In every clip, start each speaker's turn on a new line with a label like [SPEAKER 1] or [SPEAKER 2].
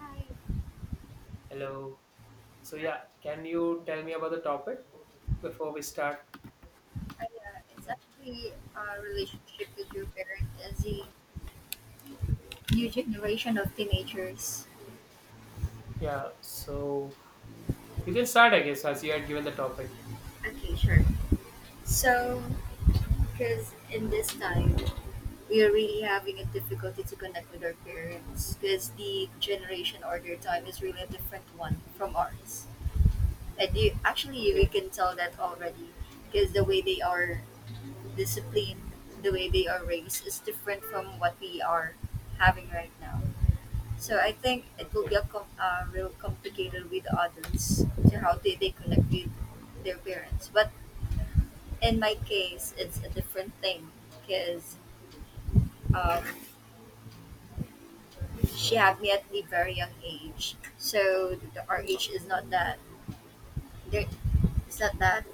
[SPEAKER 1] Hi.
[SPEAKER 2] Hello. So
[SPEAKER 1] I,
[SPEAKER 2] yeah, can you tell me about the topic before we start?
[SPEAKER 1] it's actually a relationship with your parent as a new generation of teenagers.
[SPEAKER 2] Yeah. So you can start, I guess, as you had given the topic.
[SPEAKER 1] Okay, sure. So, because in this time, we are really having a difficulty to connect with our parents because the generation or their time is really a different one from ours. And you, actually, we
[SPEAKER 2] Okay.
[SPEAKER 1] can tell that already because the way they are disciplined, the way they are raised is different from what we are having right now. So I think it will
[SPEAKER 2] Okay.
[SPEAKER 1] be a real complicated with adults to how they connect with their parents. But in my case, it's a different thing because um, she had me at the very young age. So our age is not that there. It's not that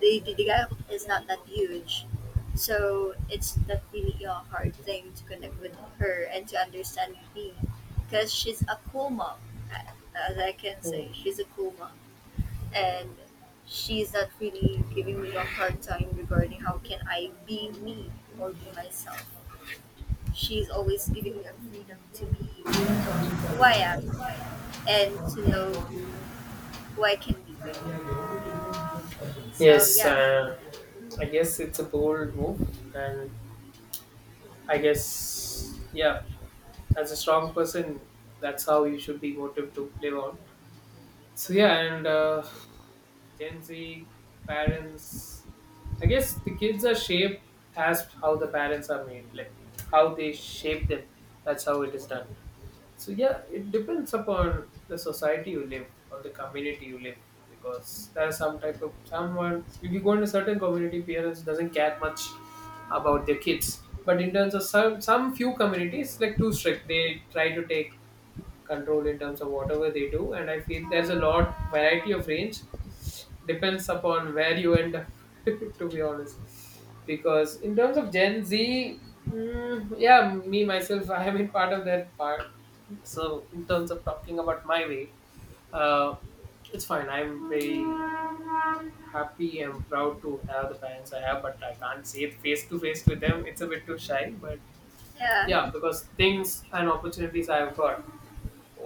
[SPEAKER 1] the gap is not that huge. So it's not really a hard thing to connect with her and to understand me because she's a cool mom, a- as I can
[SPEAKER 2] Oh.
[SPEAKER 1] say. She's a cool mom and she's not really giving me a hard time regarding how can I be me or be myself. She's always giving me a freedom to be who I am and to know who I can be. So
[SPEAKER 2] Yes.
[SPEAKER 1] yeah,
[SPEAKER 2] I guess it's a bold move, and I guess yeah, as a strong person, that's how you should be motivated to live on. So yeah, and Gen Z parents. I guess the kids are shaped as how the parents are made, like how they shape them. That's how it is done. So yeah, it depends upon the society you live, on the community you live, because there are some type of someone. If you go in a certain community, parents doesn't care much about their kids. But in terms of some few communities, like too strict, they try to take control in terms of whatever they do. And I feel there's a lot variety of range depends upon where you end up to be honest, because in terms of Gen Z, yeah, me myself, I have been part of that part. So in terms of talking about my way, uh, it's fine. I'm very happy and proud to have the parents I have, but I can't say it face to face with them. It's a bit too shy, but
[SPEAKER 1] yeah,
[SPEAKER 2] yeah, because things and opportunities I've got,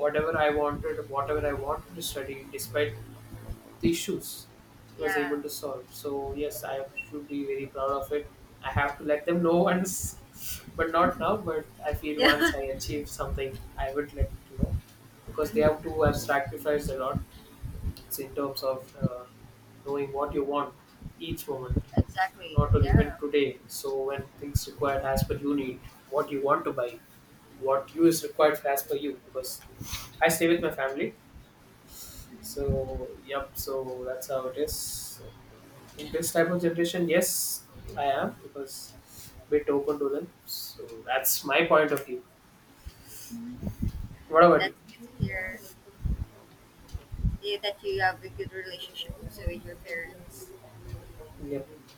[SPEAKER 2] whatever I wanted, whatever I wanted to study, despite the issues, it was
[SPEAKER 1] yeah,
[SPEAKER 2] able to solve. So yes, I should be very proud of it. I have to let them know once, but not now. But I feel
[SPEAKER 1] yeah.
[SPEAKER 2] once I achieve something, I would let you know, because they have
[SPEAKER 1] Mhm.
[SPEAKER 2] to have sacrificed a lot. So in terms of knowing what you want each moment,
[SPEAKER 1] Exactly.
[SPEAKER 2] not only even
[SPEAKER 1] Yeah,
[SPEAKER 2] today. So when things required as per you need, what you want to buy, what you is required as per you. Because I stay with my family. So, yep, so that's how it is. So, in this type of generation, yes, I am because bit open to them. So that's my point of view. What about you?
[SPEAKER 1] that's good to hear, yeah, that you have a good relationship also with your parents.
[SPEAKER 2] Yep.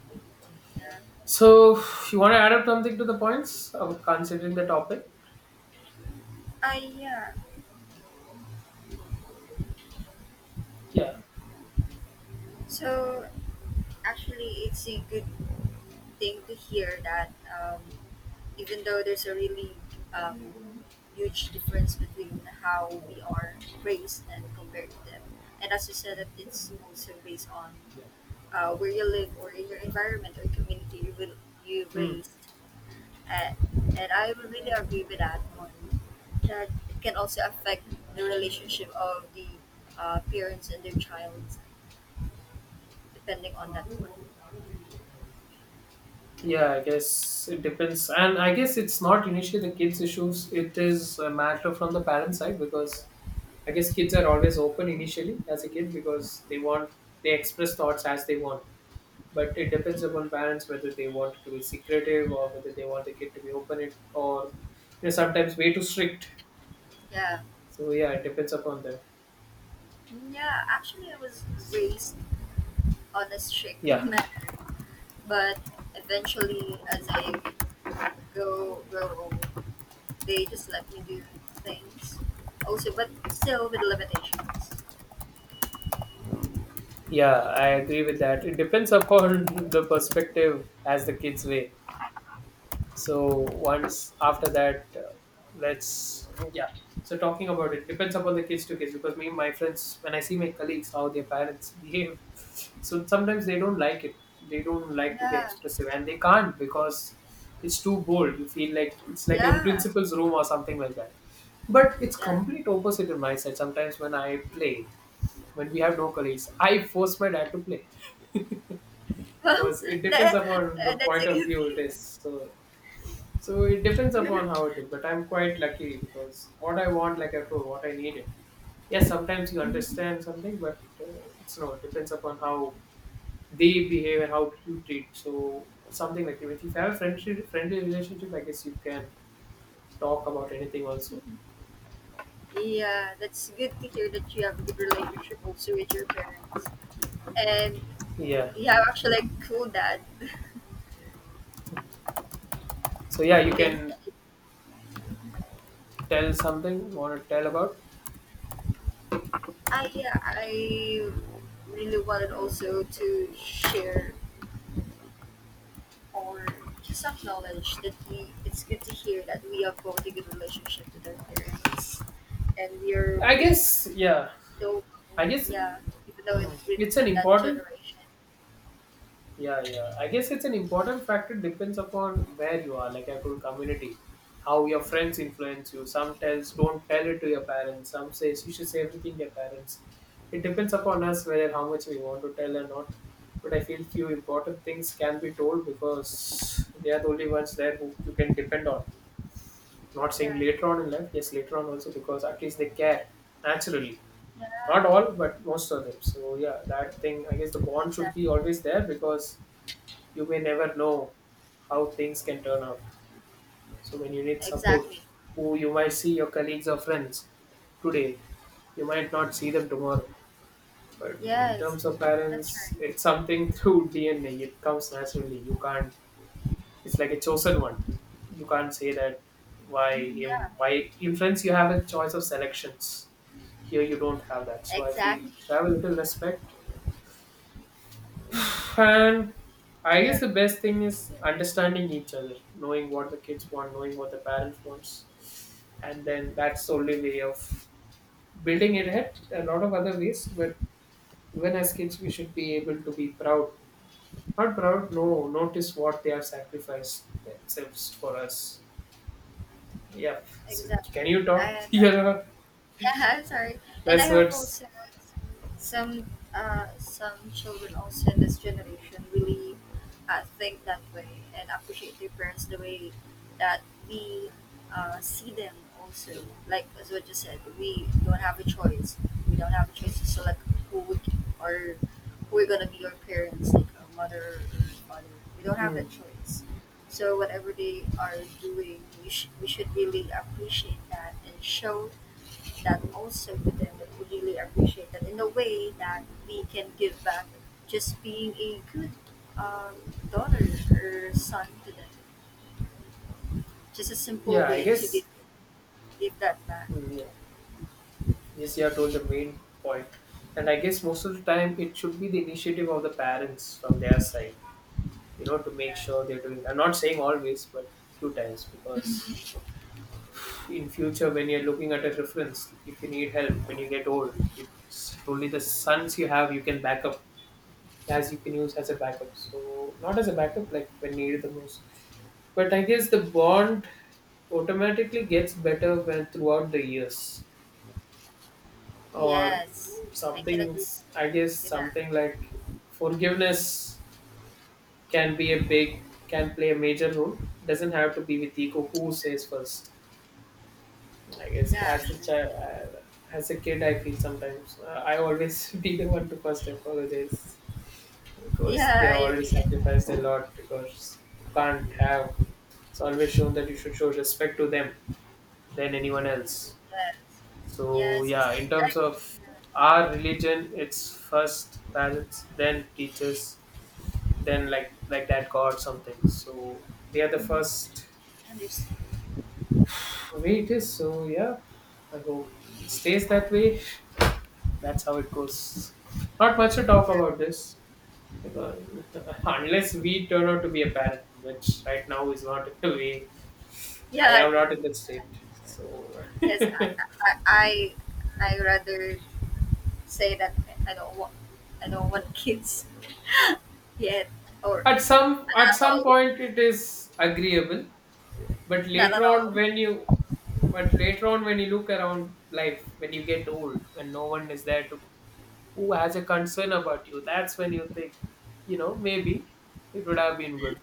[SPEAKER 1] Yeah.
[SPEAKER 2] So you want to add up something to the points of considering the topic?
[SPEAKER 1] I, yeah.
[SPEAKER 2] Yeah.
[SPEAKER 1] So actually, it's a good thing to hear that, even though there's a really, um, huge difference between how we are raised and compared to them. And as you said, that it's also based on where you live or in your environment or community you will you
[SPEAKER 2] Hmm.
[SPEAKER 1] raised. Uh, and I would really agree with that one. That it can also affect the relationship of the parents and their child, depending on that one.
[SPEAKER 2] Yeah, I guess it depends, and I guess it's not initially the kids' issues. It is a matter from the parent side, because I guess kids are always open initially as a kid, because they express thoughts as they want, but it depends upon parents whether they want to be secretive or whether they want the kid to be open it, or sometimes way too strict.
[SPEAKER 1] Yeah.
[SPEAKER 2] So yeah, it depends upon them.
[SPEAKER 1] Yeah, actually, I was raised on a strict
[SPEAKER 2] Yeah,
[SPEAKER 1] manner, but eventually, as I go grow old, they just let me do things. Also, but still with limitations.
[SPEAKER 2] yeah, I agree with that. It depends upon the perspective as the kids way. So once after that, let's yeah. So talking about it, depends upon the kids to kids, because me and my friends when I see my colleagues how their parents behave. So sometimes they don't like it. They don't like to be
[SPEAKER 1] Yeah,
[SPEAKER 2] expressive, and they can't because it's too bold. You feel like it's like an
[SPEAKER 1] yeah,
[SPEAKER 2] principal's room or something like that. But it's
[SPEAKER 1] yeah.
[SPEAKER 2] complete opposite in my side. Sometimes when I play, when we have no colleagues, I force my dad to play,
[SPEAKER 1] Well,
[SPEAKER 2] because it depends
[SPEAKER 1] that,
[SPEAKER 2] upon the
[SPEAKER 1] that's
[SPEAKER 2] point
[SPEAKER 1] a
[SPEAKER 2] of
[SPEAKER 1] good
[SPEAKER 2] view it
[SPEAKER 1] thing.
[SPEAKER 2] is. So so it depends upon how it is. But I'm quite lucky, because what I want, like I told, what I needed. Yes, sometimes you understand something, but it's no. It depends upon how they behave and how you treat. So something like that. If you have a friendly, friendly relationship, I guess you can talk about anything also.
[SPEAKER 1] Yeah, that's good to hear that you have a good relationship also with your parents, and
[SPEAKER 2] Yeah.
[SPEAKER 1] you have actually a cool dad.
[SPEAKER 2] So yeah,
[SPEAKER 1] You
[SPEAKER 2] you
[SPEAKER 1] can.
[SPEAKER 2] can tell something you want to tell about.
[SPEAKER 1] I, yeah, I really wanted also to share or just acknowledge that we it's good to hear that we have both a good relationship with our parents and we are
[SPEAKER 2] I
[SPEAKER 1] raised
[SPEAKER 2] guess yeah.
[SPEAKER 1] though,
[SPEAKER 2] I guess,
[SPEAKER 1] yeah, even though in,
[SPEAKER 2] it's an
[SPEAKER 1] in that
[SPEAKER 2] important.
[SPEAKER 1] generation.
[SPEAKER 2] Yeah, yeah, I guess it's an important factor, depends upon where you are, like I told, community, how your friends influence you. Some tells don't tell it to your parents, some says you should say everything to your parents. It depends upon us whether how much we want to tell or not. But I feel few important things can be told, because they are the only ones there who you can depend on. Not saying
[SPEAKER 1] Yeah,
[SPEAKER 2] later on in life, yes, later on also, because at least they care naturally.
[SPEAKER 1] yeah,
[SPEAKER 2] Not all, but most of them. So yeah, that thing, I guess the bond should be
[SPEAKER 1] exactly,
[SPEAKER 2] always there, because you may never know how things can turn out. So when you need support,
[SPEAKER 1] exactly.
[SPEAKER 2] who you might see, your colleagues or friends today, you might not see them tomorrow. But in
[SPEAKER 1] Yes,
[SPEAKER 2] terms of
[SPEAKER 1] that's right.
[SPEAKER 2] parents, it's something through DNA. It comes naturally. You can't. It's like a chosen one. You can't say that why
[SPEAKER 1] Mhm, yeah,
[SPEAKER 2] him. Why in friends you have a choice of selections. Here you don't have that. So I feel
[SPEAKER 1] exactly.
[SPEAKER 2] have a little respect and I
[SPEAKER 1] Yeah,
[SPEAKER 2] guess the best thing is understanding each other, knowing what the kids want, knowing what the parents wants, and then that's the only way of building it ahead. A lot of other ways, but when as kids we should be able to be proud. Not proud, no, notice what they have sacrificed themselves for us. Yeah. So can
[SPEAKER 1] exactly.
[SPEAKER 2] you talk?
[SPEAKER 1] And
[SPEAKER 2] Yeah,
[SPEAKER 1] yeah, sorry. And
[SPEAKER 2] that's
[SPEAKER 1] I hope
[SPEAKER 2] what's
[SPEAKER 1] also some, some children also in this generation really think that way and appreciate their parents the way that we see them also. Like as what you said, we don't have a choice. We don't have a choice to select who we or who are gonna be our parents, like our mother or father. We don't have
[SPEAKER 2] hmm.
[SPEAKER 1] that choice. So whatever they are doing, we, we should really appreciate that and show that also to them that would really appreciate that in a way that we can give back just being a good, um, daughter or son to them. Just a simple
[SPEAKER 2] Yeah, I
[SPEAKER 1] way to give,
[SPEAKER 2] guess
[SPEAKER 1] give that back.
[SPEAKER 2] yeah. Yes, you have told the main point. And I guess most of the time it should be the initiative of the parents from their side, to make
[SPEAKER 1] Yeah.
[SPEAKER 2] sure they're doing. I'm not saying always, but few times, because in future when you're looking at a reference, if you need help when you get old, it's only the sons you have, you can back up, as you can use as a backup. So not as a backup, like when needed the most, but I guess the bond automatically gets better when throughout the years or
[SPEAKER 1] Yes, I can
[SPEAKER 2] something.
[SPEAKER 1] agree
[SPEAKER 2] I guess
[SPEAKER 1] with that.
[SPEAKER 2] something like forgiveness can be a big can play a major role. Doesn't have to be with ego who says first. I guess
[SPEAKER 1] Yeah,
[SPEAKER 2] as a
[SPEAKER 1] actually.
[SPEAKER 2] child, as a kid, I feel sometimes, I always be the one to first apologize, because they
[SPEAKER 1] Yeah,
[SPEAKER 2] have
[SPEAKER 1] I
[SPEAKER 2] already
[SPEAKER 1] agree.
[SPEAKER 2] sacrificed a lot, because you can't have. It's always shown that you should show respect to them than anyone else.
[SPEAKER 1] Yes,
[SPEAKER 2] So
[SPEAKER 1] yes,
[SPEAKER 2] yeah, in
[SPEAKER 1] exactly. I,
[SPEAKER 2] terms of
[SPEAKER 1] yeah,
[SPEAKER 2] our religion, it's first parents, then teachers, then like that God something. So they are the first
[SPEAKER 1] I understand.
[SPEAKER 2] way it is. So yeah, I hope it stays that way. That's how it goes. Not much to talk
[SPEAKER 1] Yeah,
[SPEAKER 2] about this. because- Unless we turn out to be a parent, which right now is not we. I
[SPEAKER 1] yeah,
[SPEAKER 2] am not in that state. So
[SPEAKER 1] yes, I, I, I rather say that I don't want I don't want kids yet or
[SPEAKER 2] at some
[SPEAKER 1] not
[SPEAKER 2] at
[SPEAKER 1] at
[SPEAKER 2] some
[SPEAKER 1] all,
[SPEAKER 2] point it is agreeable, but
[SPEAKER 1] not at all,
[SPEAKER 2] later on when you look around life, when you get old, when no one is there to, who has a concern about you, that's when you think, maybe it would have been good.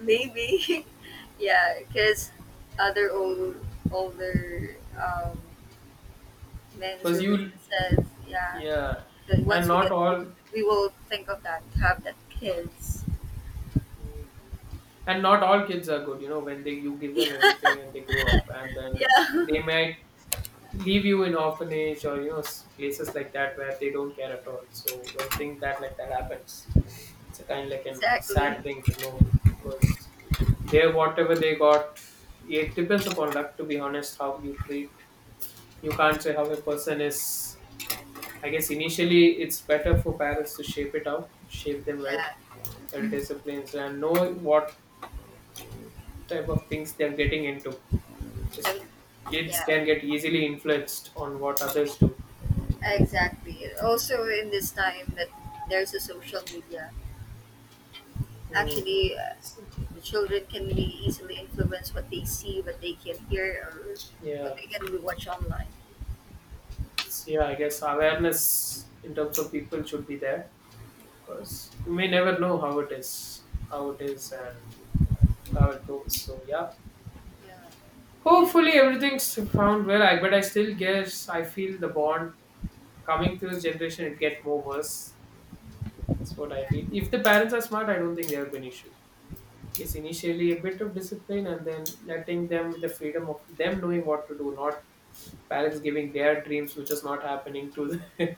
[SPEAKER 1] maybe. Yeah, because other old older, men
[SPEAKER 2] Because
[SPEAKER 1] or women
[SPEAKER 2] you.
[SPEAKER 1] says, yeah,
[SPEAKER 2] Yeah.
[SPEAKER 1] that
[SPEAKER 2] And
[SPEAKER 1] once we
[SPEAKER 2] not
[SPEAKER 1] get old,
[SPEAKER 2] all.
[SPEAKER 1] we will think of that have that kids.
[SPEAKER 2] Mm. And not all kids are good, you know, when they you give them everything and they grow up, and then they
[SPEAKER 1] Yeah.
[SPEAKER 2] might leave you in orphanage, or places like that where they don't care at all. So when thing that like that happens, it's a kind of like a sad
[SPEAKER 1] Exactly.
[SPEAKER 2] thing to know, because they whatever they got, it depends upon luck. To be honest, how you treat. You can't say how a person is. I guess initially it's better for parents to shape it out, shape them well,
[SPEAKER 1] Yeah.
[SPEAKER 2] well disciplines, and know what type of things they're getting into. 'Cause
[SPEAKER 1] And-
[SPEAKER 2] kids
[SPEAKER 1] yeah,
[SPEAKER 2] can get easily influenced on what others do.
[SPEAKER 1] exactly also in this time that there's a social media.
[SPEAKER 2] Mm,
[SPEAKER 1] Actually, the children can be easily influenced what they see, what they can hear, or what
[SPEAKER 2] yeah.
[SPEAKER 1] they can really watch online.
[SPEAKER 2] So, yeah, I guess awareness in terms of people should be there, because you may never know how it is, and how it goes. So yeah,
[SPEAKER 1] Yeah, and
[SPEAKER 2] hopefully everything's found well. I But I still guess I feel the bond coming to this generation it gets more worse. That's what I
[SPEAKER 1] yeah,
[SPEAKER 2] feel. If the parents are smart, I don't think there will be an issue. Yes, initially a bit of discipline and then letting them the freedom of them knowing what to do, not parents giving their dreams, which is not happening to the,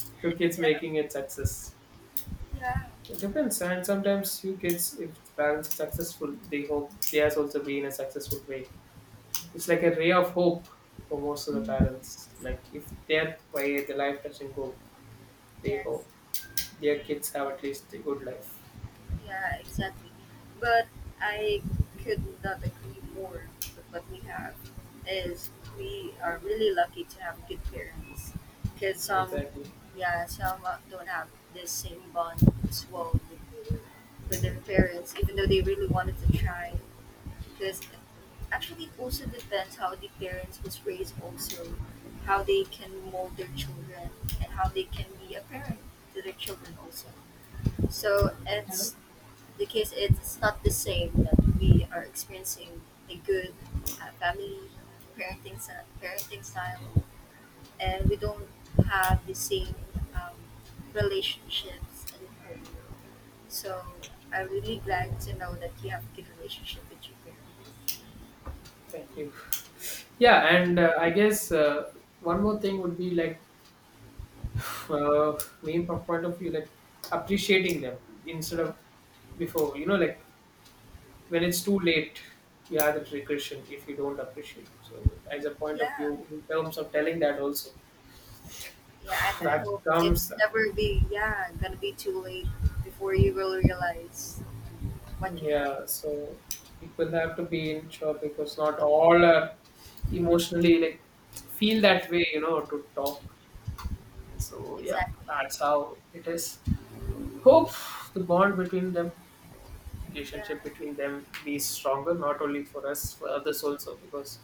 [SPEAKER 2] to kids
[SPEAKER 1] yeah,
[SPEAKER 2] making it success.
[SPEAKER 1] yeah.
[SPEAKER 2] It depends, and sometimes you kids, if parents are successful, they hope theirs also be in a successful way. It's like a ray of hope for most of the parents. Like if their way the life doesn't go, they
[SPEAKER 1] Yes.
[SPEAKER 2] hope their kids have at least a good life.
[SPEAKER 1] Yeah, exactly. But I could not agree more with what we have is we are really lucky to have good parents because some,
[SPEAKER 2] Exactly.
[SPEAKER 1] yeah, some, don't have this same bond as well with their parents even though they really wanted to try because actually it also depends how the parents was raised also, how they can mold their children and how they can be a parent to their children also, so
[SPEAKER 2] Yeah.
[SPEAKER 1] it's the case it's not the same that we are experiencing a good, family parenting parenting style and we don't have the same, um, relationships in home, so I'm really glad to know that you have a good relationship with your parents.
[SPEAKER 2] Thank you. Yeah, and I guess, one more thing would be like, main point of view, like appreciating them instead of before, like when it's too late, you have that regression if you don't appreciate. So, as a point of
[SPEAKER 1] Yeah,
[SPEAKER 2] view, in terms of telling that also,
[SPEAKER 1] yeah, and I
[SPEAKER 2] that
[SPEAKER 1] hope
[SPEAKER 2] comes
[SPEAKER 1] it's
[SPEAKER 2] that.
[SPEAKER 1] never be yeah gonna be too late before you will realize what you have.
[SPEAKER 2] Yeah, so people have to be in sure, because not all are emotionally like feel that way, to talk. So, yeah,
[SPEAKER 1] Exactly.
[SPEAKER 2] that's how it is. Hope the bond between them,
[SPEAKER 1] Yeah.
[SPEAKER 2] relationship between them be stronger, not only for us, for others also, because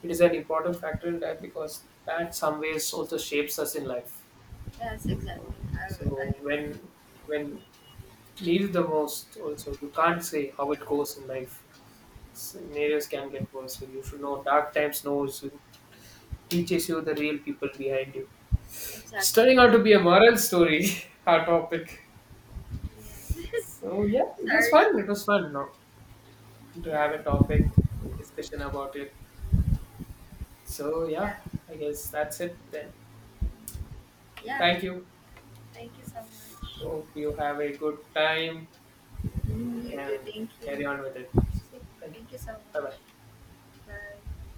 [SPEAKER 2] it is an important factor in that, because that some ways also shapes us in life.
[SPEAKER 1] Yes, exactly. I
[SPEAKER 2] So when needed the most also, you can't say how it goes in life. Scenarios can get worse, so you should know dark times knows you, teaches you the real people behind you. It's
[SPEAKER 1] exactly.
[SPEAKER 2] turning out to be a moral story our topic.
[SPEAKER 1] Yeah.
[SPEAKER 2] So yeah, it was
[SPEAKER 1] Sorry.
[SPEAKER 2] fun. No, to have
[SPEAKER 1] Yeah.
[SPEAKER 2] a topic discussion about it. So yeah,
[SPEAKER 1] Yeah.
[SPEAKER 2] I guess that's it then.
[SPEAKER 1] Yeah.
[SPEAKER 2] Thank you.
[SPEAKER 1] Thank you so much.
[SPEAKER 2] Hope you have a good time.
[SPEAKER 1] Mm, you too.
[SPEAKER 2] Can
[SPEAKER 1] Thank you.
[SPEAKER 2] carry on with it. So, thank you.
[SPEAKER 1] Thank you so
[SPEAKER 2] Bye bye.
[SPEAKER 1] much. Bye.